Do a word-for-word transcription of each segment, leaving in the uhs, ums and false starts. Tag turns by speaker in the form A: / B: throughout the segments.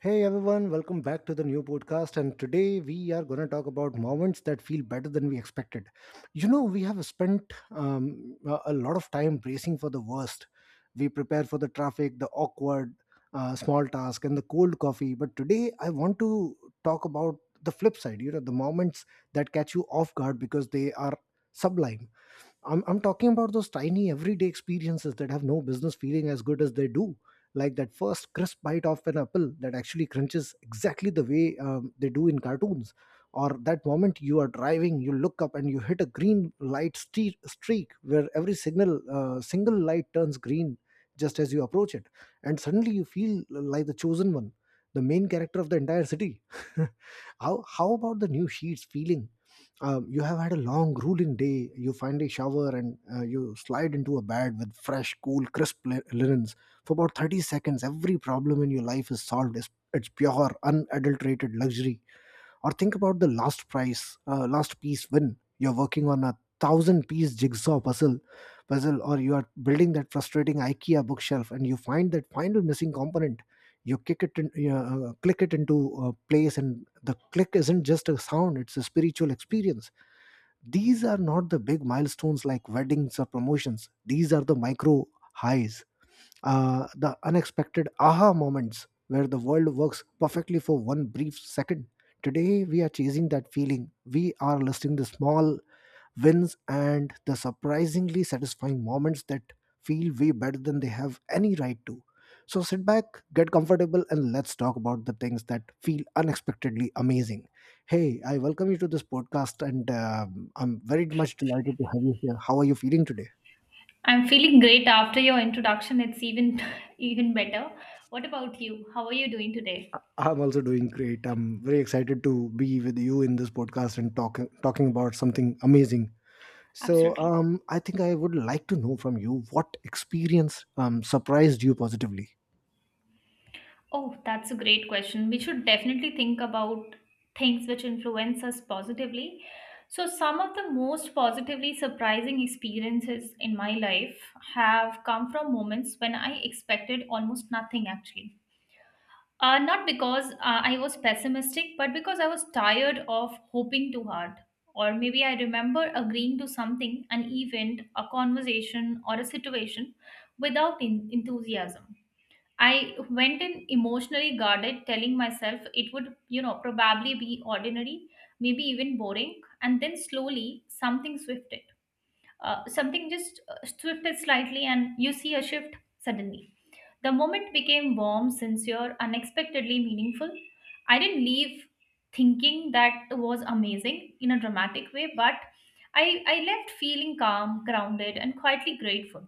A: Hey everyone, welcome back to the new podcast. And today we are going to talk about moments that feel better than we expected. You know, we have spent um, a a lot of time bracing for the worst. We prepare for the traffic, the awkward uh, small task, and the cold coffee. But today I want to talk about the flip side, you know, the moments that catch you off guard because they are sublime. I'm, I'm talking about those tiny everyday experiences that have no business feeling as good as they do. Like that first crisp bite of an apple that actually crunches exactly the way um, they do in cartoons. Or that moment you are driving, you look up and you hit a green light ste- streak where every signal, uh, single light turns green just as you approach it. And suddenly you feel like the chosen one, the main character of the entire city. how, how about the new sheets feeling? Um, you have had a long grueling day. You finally shower, and uh, you slide into a bed with fresh, cool, crisp li- linens. For about thirty seconds, every problem in your life is solved. It's, it's pure unadulterated luxury. Or think about the last price, uh, last piece win. You're working on a thousand piece jigsaw puzzle, puzzle, or you are building that frustrating IKEA bookshelf, and you find that final missing component. You kick it, in, you know, uh, click it into uh, place, and the click isn't just a sound; it's a spiritual experience. These are not the big milestones like weddings or promotions. These are the micro highs, uh, the unexpected aha moments where the world works perfectly for one brief second. Today, we are chasing that feeling. We are listing the small wins and the surprisingly satisfying moments that feel way better than they have any right to. So, sit back, get comfortable, and let's talk about the things that feel unexpectedly amazing. Hey, I welcome you to this podcast, and um, I'm very much delighted to have you here. How are you feeling today?
B: I'm feeling great after your introduction. It's even even better. What about you? How are you doing today?
A: I'm also doing great. I'm very excited to be with you in this podcast and talking talking about something amazing. So,
B: Absolutely.
A: um, I think I would like to know from you what experience um, surprised you positively.
B: Oh, that's a great question. We should definitely think about things which influence us positively. So some of the most positively surprising experiences in my life have come from moments when I expected almost nothing actually. Uh, not because uh, I was pessimistic, but because I was tired of hoping too hard. Or maybe I remember agreeing to something, an event, a conversation, or a situation without en- enthusiasm. I went in emotionally guarded, telling myself it would, you know, probably be ordinary, maybe even boring. And then slowly something swifted. Uh, something just uh, swifted slightly, and you see a shift suddenly the moment became warm, sincere, unexpectedly meaningful. I didn't leave thinking that was amazing in a dramatic way, but I, I left feeling calm, grounded, and quietly grateful.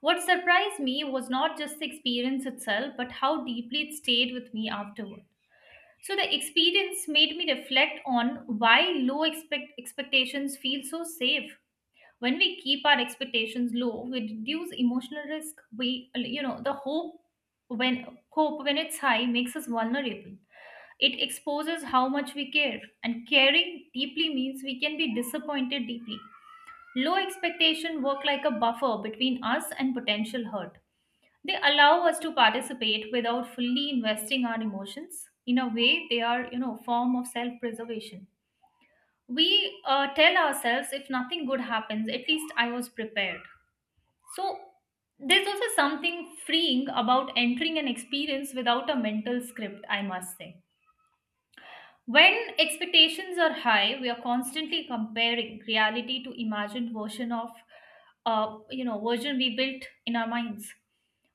B: What surprised me was not just the experience itself, but how deeply it stayed with me afterward. So the experience made me reflect on why low expect- expectations feel so safe. When we keep our expectations low, we reduce emotional risk. We you know the hope when hope when it's high, makes us vulnerable. It exposes how much we care, and caring deeply means we can be disappointed deeply. Low expectation work like a buffer between us and potential hurt. They allow us to participate without fully investing our emotions. In a way, they are you know form of self preservation. We uh, tell ourselves if nothing good happens, at least I was prepared. So there's also something freeing about entering an experience without a mental script, I must say. When expectations are high, we are constantly comparing reality to imagined version of uh, you know version we built in our minds.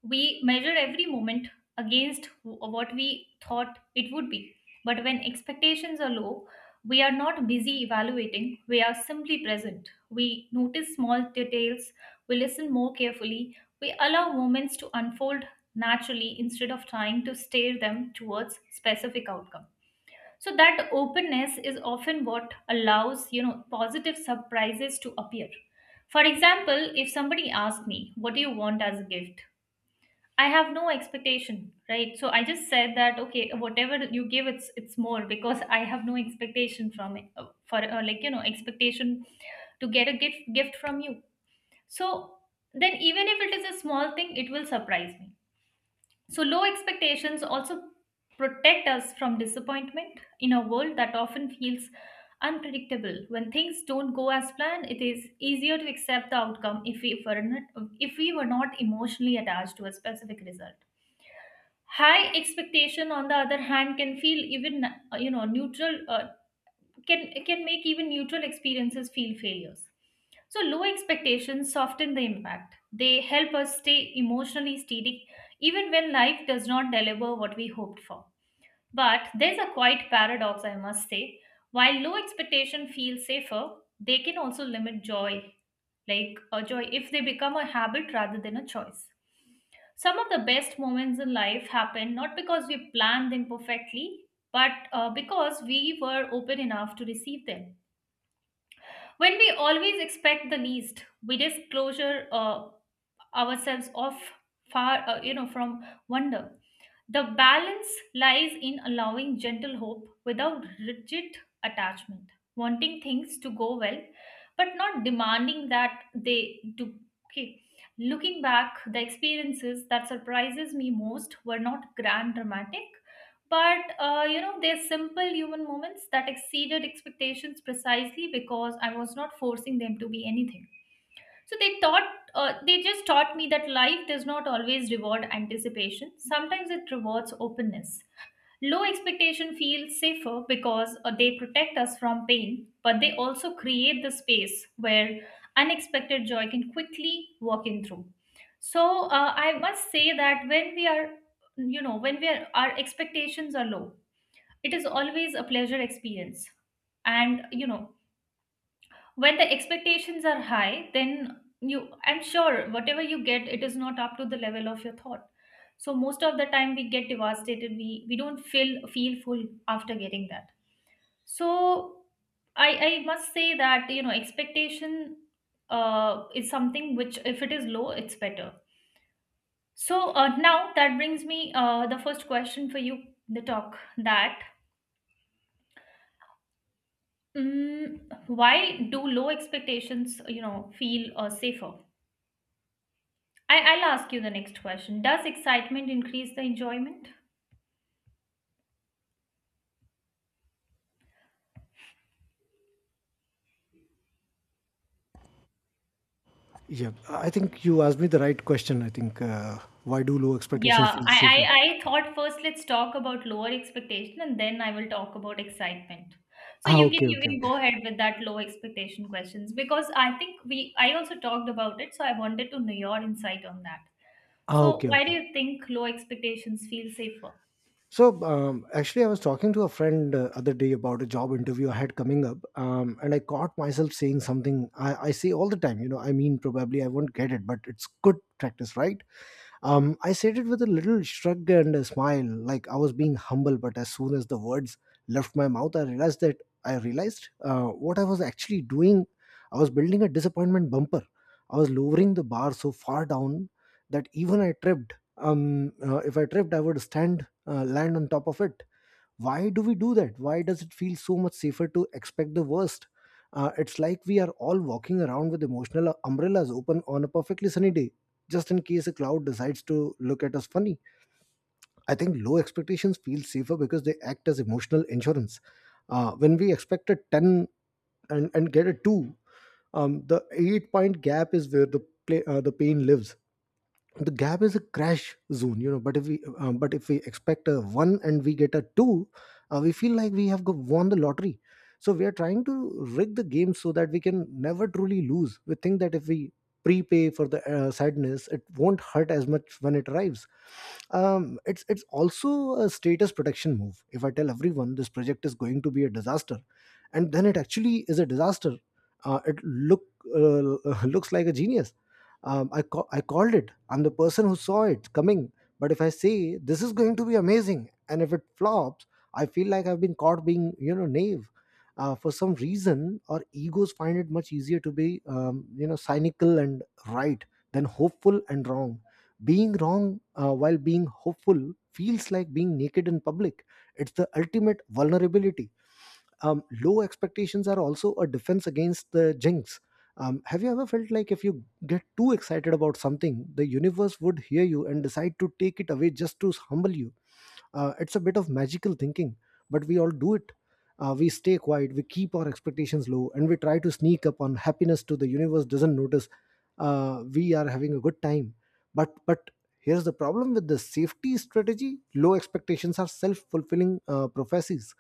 B: We measure every moment against wh- what we thought it would be. But when expectations are low, we are not busy evaluating, we are simply present. We notice small details, we listen more carefully, we allow moments to unfold naturally instead of trying to steer them towards specific outcome. So that openness is often what allows, you know, positive surprises to appear. For example, if somebody asks me, what do you want as a gift? I have no expectation, right? So I just said that okay, whatever you give, it's it's more because I have no expectation from it uh, for uh, like you know expectation to get a gift gift from you. So then even if it is a small thing, it will surprise me. So low expectations also protect us from disappointment in a world that often feels unpredictable. When things don't go as planned, it is easier to accept the outcome if we were not, if we were not emotionally attached to a specific result. High expectation, on the other hand, can feel even uh, you know neutral uh, can can make even neutral experiences feel failures. So low expectations soften the impact. They help us stay emotionally steady even when life does not deliver what we hoped for. But there's a quite paradox, I must say. While low expectation feels safer, they can also limit joy, like a joy, if they become a habit rather than a choice. Some of the best moments in life happen not because we planned them perfectly, but uh, because we were open enough to receive them. When we always expect the least, we disclosure. Uh, ourselves off far uh, you know from wonder. The balance lies in allowing gentle hope without rigid attachment, wanting things to go well but not demanding that they do. Okay, looking back, the experiences that surprises me most were not grand dramatic, but uh, you know they're simple human moments that exceeded expectations precisely because I was not forcing them to be anything. So they taught, uh, they just taught me that life does not always reward anticipation. Sometimes it rewards openness. Low expectation feels safer because uh, they protect us from pain, but they also create the space where unexpected joy can quickly walk in through. So uh, I must say that when we are, you know, when we are, our expectations are low, it is always a pleasure experience. And you know when the expectations are high, then you, I'm sure whatever you get it is not up to the level of your thought. So most of the time we get devastated, we we don't feel feel full after getting that. So i i must say that you know expectation uh is something which if it is low, it's better. So uh, now that brings me uh the first question for you, the talk that mm, why do low expectations you know feel uh, safer. I, I'll ask you the next question. Does excitement increase the enjoyment?
A: Yeah, I think you asked me the right question. I think, uh, why do low expectations
B: Yeah,
A: feel safer?
B: I, I, I thought first let's talk about lower expectation and then I will talk about excitement. So
A: Ah,
B: you can
A: okay,
B: you
A: okay,
B: can
A: okay.
B: go ahead with that low expectation questions because I think we, I also talked about it, so I wanted to know your insight on that.
A: Ah,
B: So
A: okay,
B: why do
A: okay.
B: you think low expectations feel safer?
A: So um, actually, I was talking to a friend uh, other day about a job interview I had coming up, um, and I caught myself saying something I, I say all the time. You know, I mean, probably I won't get it, but it's good practice, right? Um, I said it with a little shrug and a smile, like I was being humble. But as soon as the words left my mouth, I realized that I realized uh, what I was actually doing. I was building a disappointment bumper. I was lowering the bar so far down that even I tripped. Um, uh, if I tripped, I would stand, uh, land on top of it. Why do we do that? Why does it feel so much safer to expect the worst? Uh, it's like we are all walking around with emotional umbrellas open on a perfectly sunny day, just in case a cloud decides to look at us funny. I think low expectations feel safer because they act as emotional insurance. Uh, when we expect a ten and, and get a two, um, the eight point gap is where the play, uh, the pain lives. The gap is a crash zone, you know. But if we um, but if we expect a one and we get a two, uh, we feel like we have go- won the lottery. So we are trying to rig the game so that we can never truly lose. We think that if we prepay for the uh, sadness, it won't hurt as much when it arrives. um, it's it's also a status protection move. If I tell everyone this project is going to be a disaster, and then it actually is a disaster, uh, it look uh, looks like a genius. Um, I ca- I called it. I'm the person who saw it coming. But if I say this is going to be amazing, and if it flops, I feel like I've been caught being, you know, naive. Uh, for some reason, our egos find it much easier to be, um, you know, cynical and right than hopeful and wrong. Being wrong uh, while being hopeful feels like being naked in public. It's the ultimate vulnerability. Um, low expectations are also a defense against the jinx. Um, have you ever felt like if you get too excited about something, the universe would hear you and decide to take it away just to humble you? Uh, it's a bit of magical thinking, but we all do it. Uh, we stay quiet, we keep our expectations low, and we try to sneak up on happiness to the universe doesn't notice uh, we are having a good time. But but here's the problem with the safety strategy: low expectations are self-fulfilling uh, prophecies.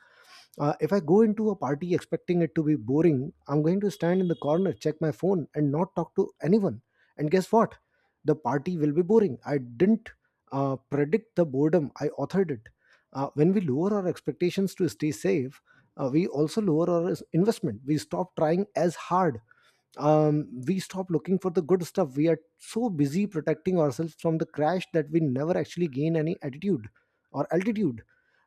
A: Uh, if I go into a party expecting it to be boring, I'm going to stand in the corner, check my phone, and not talk to anyone. And guess what? The party will be boring. I didn't uh, predict the boredom, I authored it. Uh, when we lower our expectations to stay safe, uh, we also lower our investment. We stop trying as hard. Um, we stop looking for the good stuff. We are so busy protecting ourselves from the crash that we never actually gain any attitude or altitude.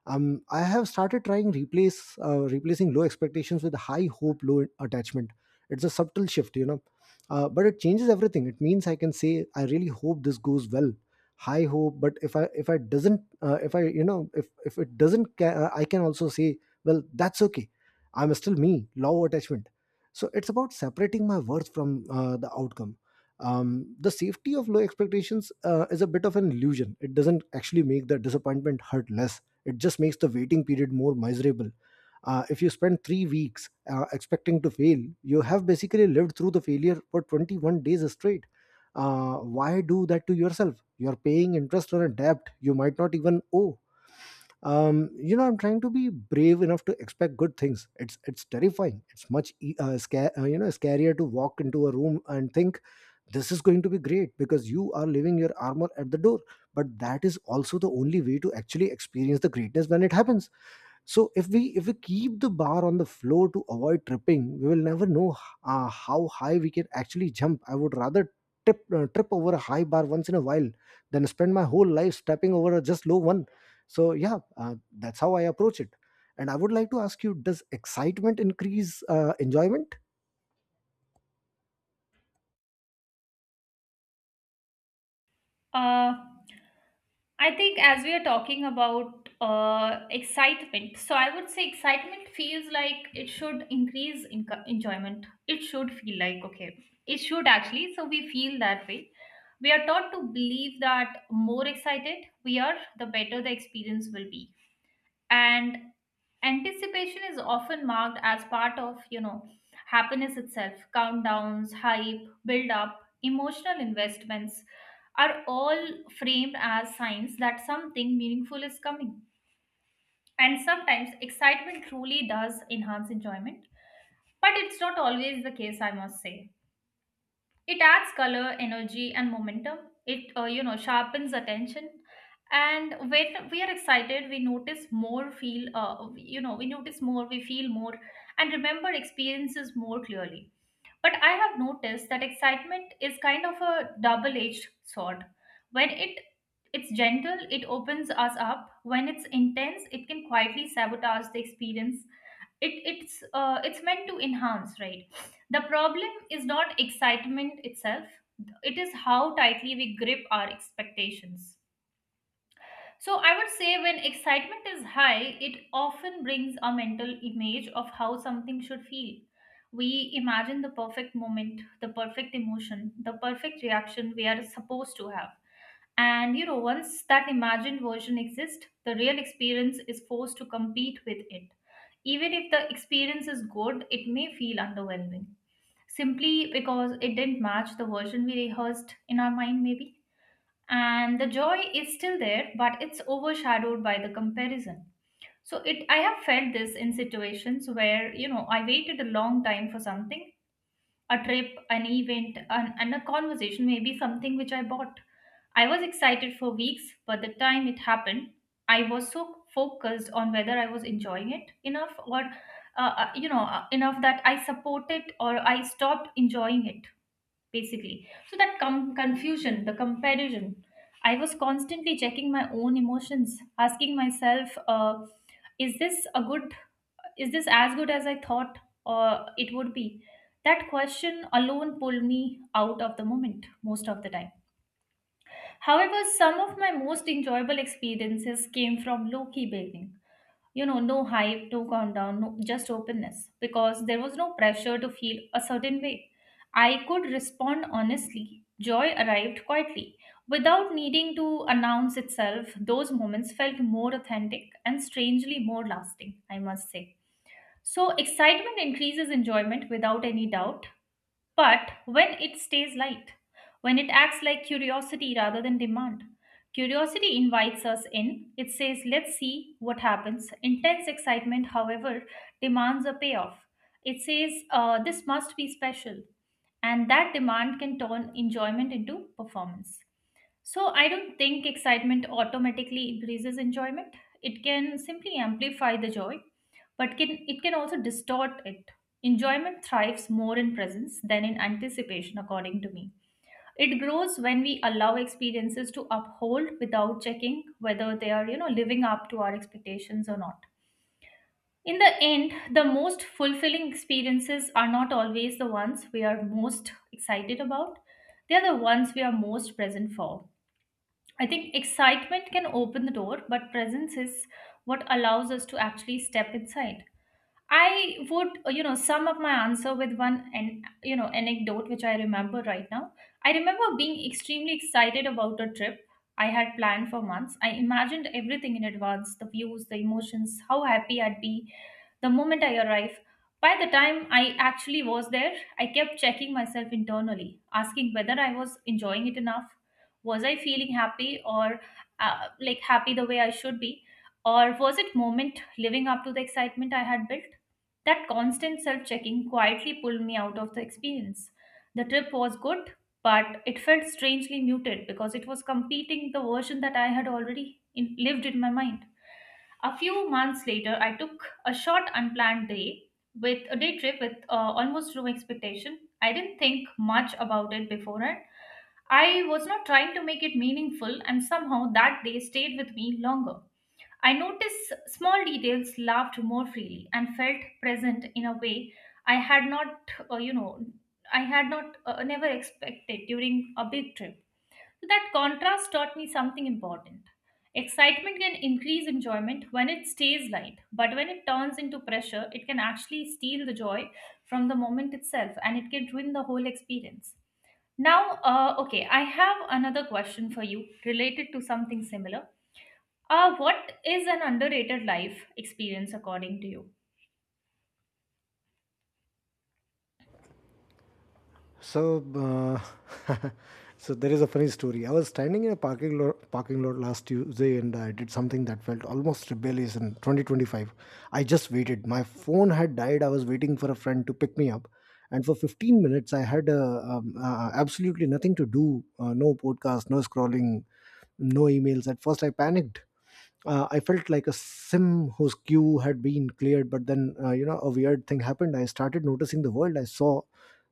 A: Um, I have started trying replace uh, replacing low expectations with high hope, low attachment. It's a subtle shift, you know, uh, but it changes everything. It means I can say I really hope this goes well. High hope. But if I if I doesn't uh, if I you know if if it doesn't ca- uh, I can also say, well, that's okay. I'm still me. Low attachment. So it's about separating my worth from uh, the outcome. Um, the safety of low expectations uh, is a bit of an illusion. It doesn't actually make the disappointment hurt less, it just makes the waiting period more miserable. Uh, if you spend three weeks uh, expecting to fail, you have basically lived through the failure for twenty-one days straight. Uh, why do that to yourself? You're paying interest on a debt you might not even owe. Um you know, I'm trying to be brave enough to expect good things. it's it's terrifying. It's much e- uh, scar- uh, you know, scarier to walk into a room and think, this is going to be great, because you are leaving your armor at the door. But that is also the only way to actually experience the greatness when it happens. So if we if we keep the bar on the floor to avoid tripping, we will never know uh, how high we can actually jump. I would rather tip, uh, trip over a high bar once in a while than spend my whole life stepping over a just low one. So yeah, uh, that's how I approach it. And I would like to ask you, does excitement increase uh, enjoyment?
B: Uh, I think as we are talking about uh, excitement, so I would say excitement feels like it should increase in- enjoyment. It should feel like, okay, it should actually. So we feel that way. We are taught to believe that more excited we are, the better the experience will be, and anticipation is often marked as part of you know happiness itself. Countdowns, hype, build up, emotional investments are all framed as signs that something meaningful is coming. And sometimes excitement truly does enhance enjoyment, but it's not always the case, I must say. It adds color, energy, and momentum. It uh, you know sharpens attention, and when we are excited, we notice more, feel uh, you know we notice more, we feel more, and remember experiences more clearly. But I have noticed that excitement is kind of a double-edged sword. When it it's gentle, it opens us up. When it's intense, it can quietly sabotage the experience. It it's uh, it's meant to enhance, right? The problem is not excitement itself, it is how tightly we grip our expectations. So I would say when excitement is high, it often brings a mental image of how something should feel. We imagine the perfect moment, the perfect emotion, the perfect reaction we are supposed to have. And you know, once that imagined version exists, the real experience is forced to compete with it. Even if the experience is good, it may feel underwhelming simply because it didn't match the version we rehearsed in our mind, maybe. And the joy is still there, but it's overshadowed by the comparison. So it, I have felt this in situations where, you know, I waited a long time for something, a trip, an event, an, and a conversation, maybe something which I bought. I was excited for weeks, but the time it happened, I was so focused on whether I was enjoying it enough or, uh, uh, you know, uh, enough that I supported or I stopped enjoying it basically. So that com- confusion, the comparison, I was constantly checking my own emotions, asking myself, uh, is this a good, is this as good as I thought or it would be? That question alone pulled me out of the moment most of the time. However, some of my most enjoyable experiences came from low key building, you know no hype, no countdown, no, just openness, because there was no pressure to feel a certain way. I could respond honestly. Joy arrived quietly without needing to announce itself. Those moments felt more authentic and strangely more lasting, I must say. So excitement increases enjoyment without any doubt, but when it stays light, when it acts like curiosity rather than demand, curiosity invites us in. It says, let's see what happens. Intense excitement, however, demands a payoff. It says, uh, this must be special. And that demand can turn enjoyment into performance. So I don't think excitement automatically increases enjoyment. It can simply amplify the joy, but can it can also distort it. Enjoyment thrives more in presence than in anticipation, according to me. It grows when we allow experiences to uphold without checking whether they are, you know, living up to our expectations or not. In the end, the most fulfilling experiences are not always the ones we are most excited about. They are the ones we are most present for. I think excitement can open the door, but presence is what allows us to actually step inside. I would, uh, you know, sum up my answer with one and you know anecdote which I remember right now. I remember being extremely excited about a trip I had planned for months. I imagined everything in advance, the views, the emotions, how happy I'd be the moment I arrive. By the time I actually was there, I kept checking myself internally, asking whether I was enjoying it enough, was I feeling happy or uh, like happy the way I should be, or was it moment living up to the excitement I had built? That constant self checking quietly pulled me out of the experience. The trip was good, but it felt strangely muted because it was competing the version that I had already in- lived in my mind. A few months later, I took a short unplanned day with a day trip with uh, almost no expectation. I didn't think much about it beforehand. I was not trying to make it meaningful, and somehow that day stayed with me longer. I noticed small details, laughed more freely, and felt present in a way I had not, uh, you know, I had not uh, never expected during a big trip. That contrast taught me something important. Excitement can increase enjoyment when it stays light, but when it turns into pressure, it can actually steal the joy from the moment itself, and it can ruin the whole experience. Now, uh, okay, I have another question for you related to something similar. Uh, what is an underrated life experience according to you?
A: So, uh, so there is a funny story. I was standing in a parking lot, parking lot last Tuesday, and I did something that felt almost rebellious in twenty twenty-five. I just waited. My phone had died. I was waiting for a friend to pick me up, and for fifteen minutes, I had uh, um, uh, absolutely nothing to do. Uh, no podcast, no scrolling, no emails. At first, I panicked. uh, I felt like a sim whose queue had been cleared. But then, uh, you know, a weird thing happened. I started noticing the world. I saw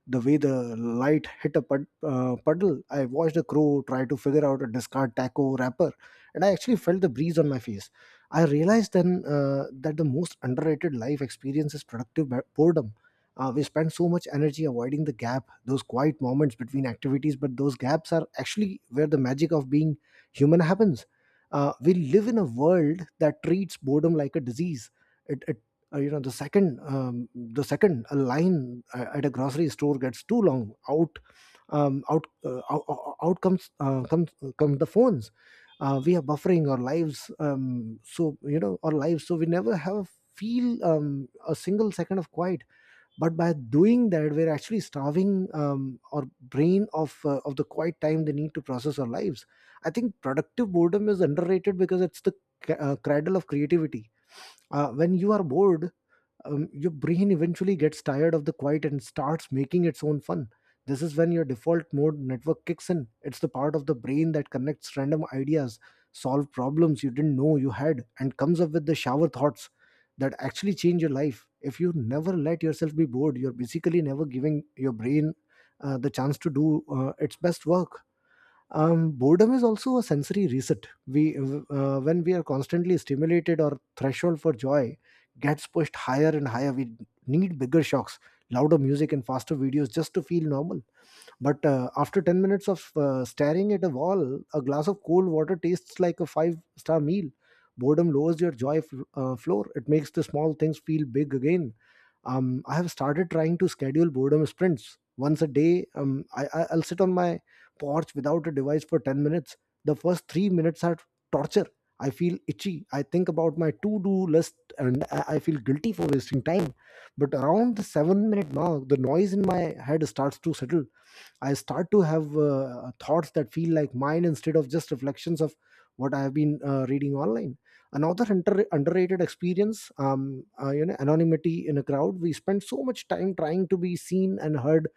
A: the way the light hit a pud- uh, puddle. I watched a crow try to figure out a discard taco wrapper, and I actually felt the breeze on my face. I realized then uh, that the most underrated life experience is productive bo- boredom. Uh, we spend so much energy avoiding the gap, those quiet moments between activities, but those gaps are actually where the magic of being human happens. Uh, we live in a world that treats boredom like a disease. It, it uh, You know, the second um, the second a line a- at a grocery store gets too long, out um, out, uh, out out out comes uh, comes come the phones. Uh, we are buffering our lives, um, so you know our lives, so we never have feel um, a single second of quiet. But by doing that we're actually starving um, our brain of uh, of the quiet time they need to process our lives. I think productive boredom is underrated because it's the c- uh, cradle of creativity. Uh, when you are bored, um, your brain eventually gets tired of the quiet and starts making its own fun. This is when your default mode network kicks in. It's the part of the brain that connects random ideas, solve problems you didn't know you had, and comes up with the shower thoughts that actually change your life. If you never let yourself be bored, you're basically never giving your brain uh, the chance to do uh, its best work. Um, boredom is also a sensory reset. We uh, When we are constantly stimulated, our threshold for joy gets pushed higher and higher. We need bigger shocks, louder music and faster videos just to feel normal. But uh, after ten minutes of uh, staring at a wall, a glass of cold water tastes like a five star meal. Boredom lowers your joy fl- uh, floor. It makes the small things feel big again. um, I have started trying to schedule boredom sprints once a day. Um, I, I- I'll sit on my porch without a device for ten minutes. The first three minutes are torture. I feel itchy. I think about my to do list and I I feel guilty for wasting time. But around the seven minute mark, the noise in my head starts to settle. I start to have uh, uh, thoughts that feel like mine instead of just reflections of what I have been uh, reading online. Another under- underrated experience, um, uh, you know, anonymity in a crowd. We spend so much time trying to be seen and heard,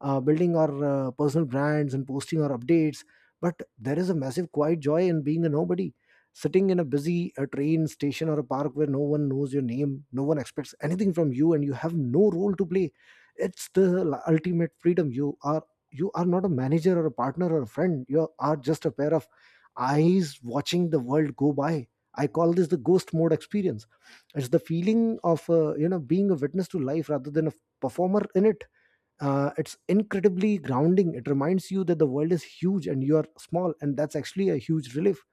A: uh, building our uh, personal brands and posting our updates. But there is a massive quiet joy in being a nobody, sitting in a busy uh train station or a park where no one knows your name, no one expects anything from you, and you have no role to play. It's the l- ultimate freedom. You are you are not a manager or a partner or a friend. You are just a pair of eyes watching the world go by. I call this the ghost mode experience. It's the feeling of, uh, you know being a witness to life rather than a performer in it. Uh, it's incredibly grounding. It reminds you that the world is huge and you are small, and that's actually a huge relief.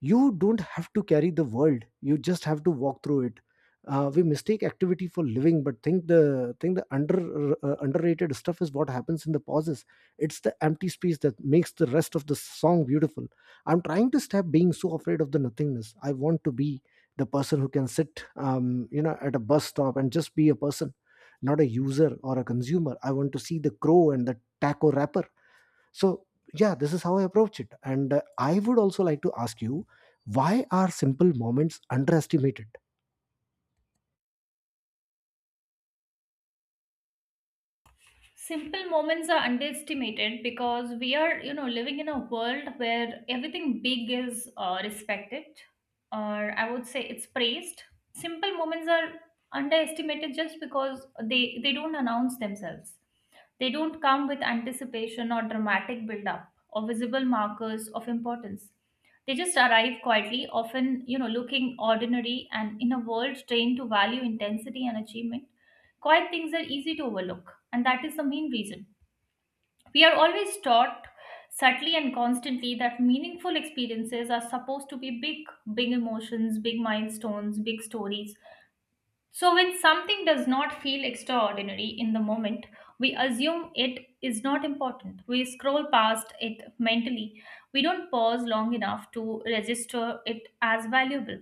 A: You don't have to carry the world, you just have to walk through it. Uh, we mistake activity for living, but think the think the under uh, underrated stuff is what happens in the pauses. It's the empty space that makes the rest of the song beautiful. I'm trying to stop being so afraid of the nothingness. I want to be the person who can sit, um, you know at a bus stop and just be a person, not a user or a consumer. I want to see the crow and the taco wrapper. So yeah, this is how I approach it. And uh, I would also like to ask you, why are simple moments underestimated?
B: Simple moments are underestimated because we are, you know, living in a world where everything big is, uh, respected, or I would say it's praised. Simple moments are underestimated just because they they don't announce themselves. They don't come with anticipation or dramatic build up or visible markers of importance. They just arrive quietly, often, you know, looking ordinary, and in a world trained to value intensity and achievement, quiet things are easy to overlook, and that is the main reason. We are always taught, subtly and constantly, that meaningful experiences are supposed to be big: big emotions, big milestones, big stories. So, when something does not feel extraordinary in the moment, we assume it is not important. We scroll past it mentally. We don't pause long enough to register it as valuable.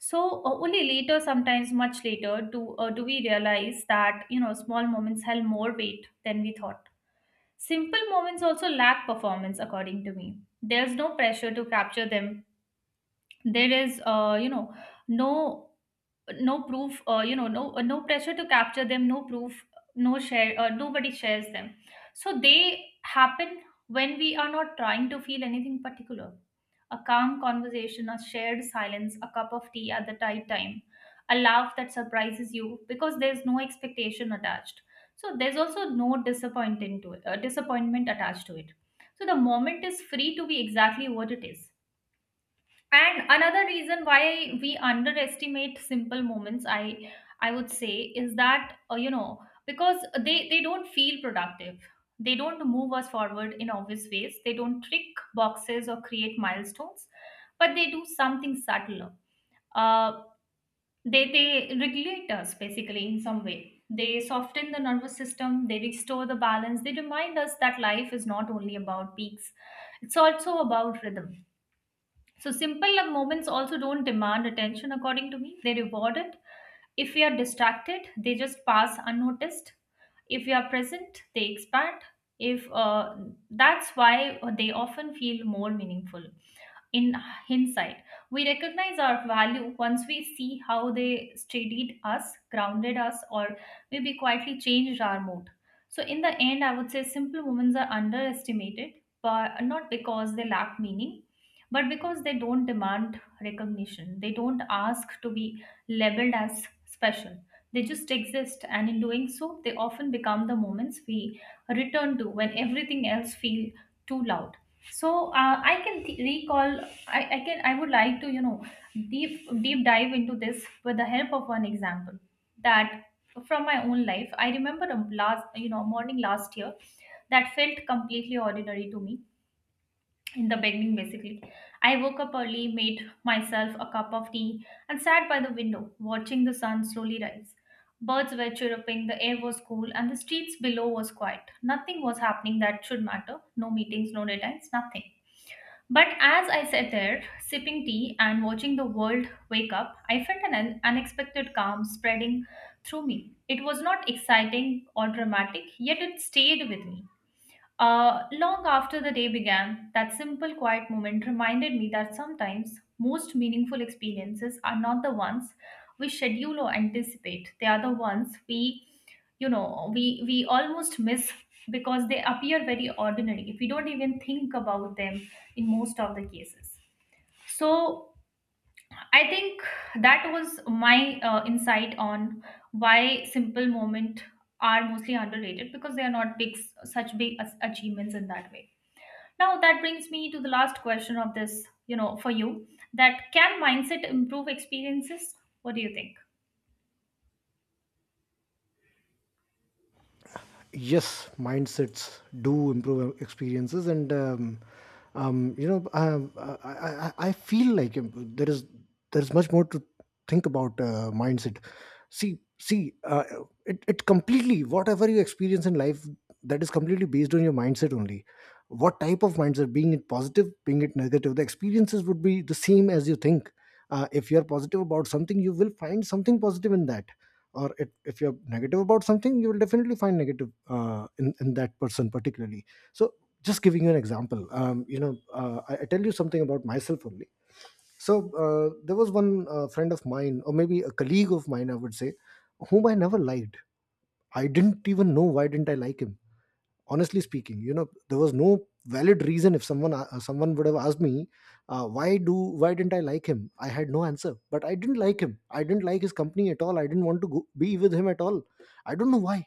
B: So, uh, only later, sometimes much later, do uh, do we realize that, you know, small moments held more weight than we thought. Simple moments also lack performance, according to me. There's no pressure to capture them. There is, uh, you know, no no proof uh, you know no uh, no pressure to capture them, no proof, no share uh, nobody shares them. So they happen when we are not trying to feel anything particular: a calm conversation, a shared silence, a cup of tea at the right time, a laugh that surprises you because there's no expectation attached, so there's also no disappointment to it, uh, disappointment attached to it. So the moment is free to be exactly what it is. And another reason why we underestimate simple moments, I I would say, is that, uh, you know, because they they don't feel productive. They don't move us forward in obvious ways. They don't tick boxes or create milestones, but they do something subtler. Uh, they they regulate us, basically, in some way. They soften the nervous system. They restore the balance. They remind us that life is not only about peaks; it's also about rhythm. So, simple love moments also don't demand attention, according to me. They reward it. If we are distracted, they just pass unnoticed. If we are present, they expand. If uh, That's why they often feel more meaningful in hindsight. We recognize our value once we see how they steadied us, grounded us, or maybe quietly changed our mood. So, in the end, I would say simple women are underestimated, but not because they lack meaning, but because they don't demand recognition. They don't ask to be labeled as special. They just exist, and in doing so, they often become the moments we return to when everything else feels too loud. So, uh, I can th- recall, I, I can I would like to, you know, deep deep dive into this with the help of one example that, from my own life. I remember a last, you know, morning last year that felt completely ordinary to me in the beginning, basically. I woke up early, made myself a cup of tea, and sat by the window watching the sun slowly rise. Birds were chirruping, the air was cool, and the streets below was quiet. Nothing was happening that should matter: no meetings, no deadlines, nothing. But as I sat there, sipping tea and watching the world wake up, I felt an un- unexpected calm spreading through me. It was not exciting or dramatic, yet it stayed with me. Uh, long after the day began, that simple quiet moment reminded me that sometimes most meaningful experiences are not the ones we schedule or anticipate. They are the ones we, you know, we we almost miss because they appear very ordinary, if we don't even think about them in most of the cases. So, I think that was my uh, insight on why simple moment are mostly underrated, because they are not big, such big as- achievements in that way. Now that brings me to the last question of this, you know, for you: that can mindset improve experiences? What do you think?
A: Yes, mindsets do improve experiences. And um, um, you know um, I, I, I I feel like, um, there is, there's much more to think about uh, mindset. See see uh, it, it completely, whatever you experience in life, that is completely based on your mindset only. What type of mindset, being it positive, being it negative, the experiences would be the same as you think. Uh, if you're positive about something, you will find something positive in that. Or it, if you're negative about something, you will definitely find negative, uh, in, in that person particularly. So, just giving you an example. Um, you know uh, I, I tell you something about myself only. So uh, there was one uh, friend of mine, or maybe a colleague of mine I would say, whom I never liked. I didn't even know why didn't I like him. Honestly speaking, you know, there was no valid reason. If someone uh, someone would have asked me, uh, why do why didn't I like him, I had no answer. But I didn't like him. I didn't like his company at all. I didn't want to go, be with him at all. I don't know why.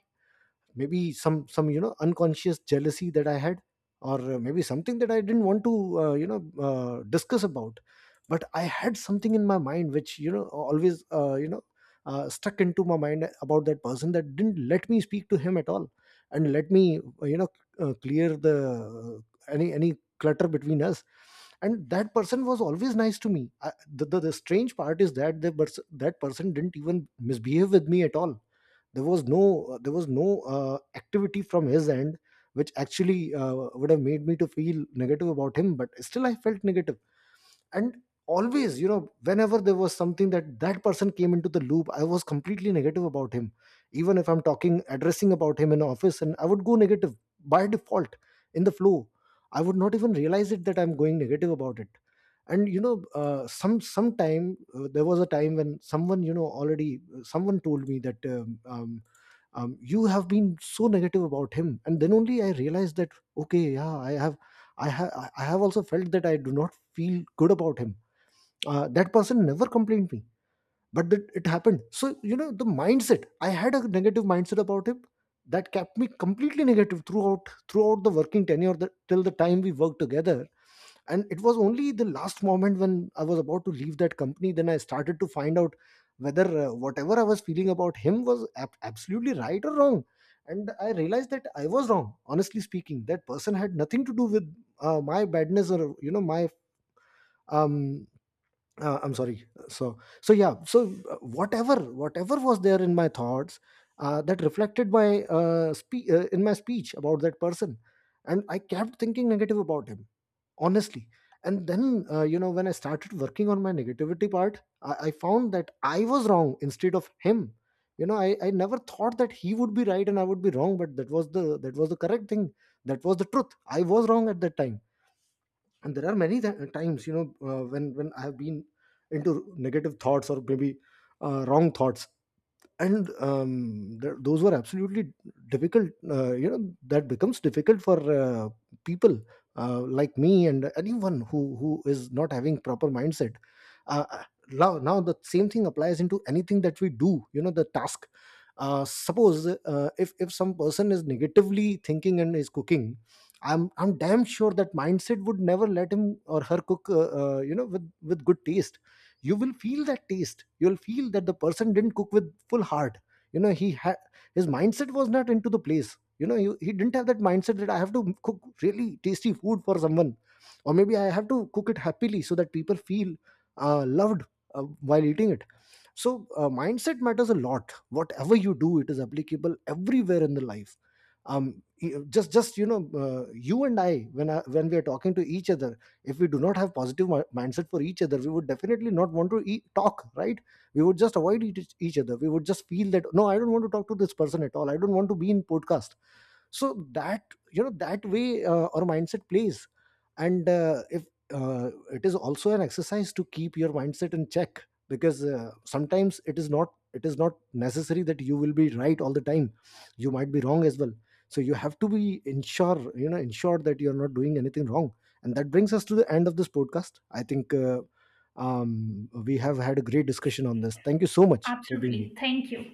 A: Maybe some some you know, unconscious jealousy that I had. Or uh, maybe something that I didn't want to, uh, you know uh, discuss about. But I had something in my mind which, you know, always, uh, you know uh, stuck into my mind about that person, that didn't let me speak to him at all and let me, uh, you know uh, clear the, uh, any any clutter between us. And that person was always nice to me. I, the, the, the strange part is that the pers- that person didn't even misbehave with me at all. There was no, uh, there was no uh, activity from his end which actually uh, would have made me to feel negative about him. But still I felt negative. And always, you know, whenever there was something, that that person came into the loop, I was completely negative about him. Even if I'm talking, addressing about him in office, and I would go negative by default, in the flow. I would not even realize it that I'm going negative about it. And you know, uh, some sometime uh, there was a time when someone, you know already, uh, someone told me that, um, um, um, you have been so negative about him. And then only I realized that, okay yeah, i have i have I have also felt that I do not feel good about him. Uh, that person never complained me. But that it happened. So you know, the mindset, I had a negative mindset about him. That kept me completely negative throughout, throughout the working tenure, the, till the time we worked together. And it was only the last moment when I was about to leave that company, then I started to find out whether uh, whatever I was feeling about him was ab- absolutely right or wrong. And I realized that I was wrong, honestly speaking. That person had nothing to do with uh, my badness or you know my, um uh, I'm sorry. So so yeah, so uh, whatever whatever was there in my thoughts, uh, that reflected my, uh, spe- uh, in my speech about that person. And I kept thinking negative about him, honestly. And then uh, you know, when I started working on my negativity part, I-, I found that I was wrong instead of him. You know, I-, I never thought that he would be right and I would be wrong. But that was the, that was the correct thing, that was the truth. I was wrong at that time. And there are many th- times, you know, uh, when when I have been into negative thoughts, or maybe uh, wrong thoughts. And um, th- those were absolutely difficult. Uh, you know, that becomes difficult for uh, people uh, like me, and anyone who who is not having proper mindset. Uh, uh, now now the same thing applies into anything that we do, you know, the task. Uh, suppose uh, if if some person is negatively thinking and is cooking, i'm i'm damn sure that mindset would never let him or her cook, uh, uh, you know with with good taste. You will feel that taste, you'll feel that the person didn't cook with full heart. You know, he had, his mindset was not into the place. You know, he, he didn't have that mindset that I have to cook really tasty food for someone, or maybe I have to cook it happily so that people feel uh, loved uh, while eating it. So uh, mindset matters a lot, whatever you do. It is applicable everywhere in the life. Um y- just just you know, uh, you and I when I, when we are talking to each other, if we do not have positive mi- mindset for each other, we would definitely not want to e- talk, right? We would just avoid each, each other. We would just feel that no, I don't want to talk to this person at all, I don't want to be in podcast. So that, you know, that way uh, our mindset plays. And uh, if uh, it is also an exercise to keep your mindset in check. Because uh, sometimes it is not, it is not necessary that you will be right all the time. You might be wrong as well. So you have to be ensure, you know, ensure that you're not doing anything wrong. And that brings us to the end of this podcast. I think uh, um, we have had a great discussion on this. Thank you so much for being
B: Absolutely.
A: here.
B: Thank you.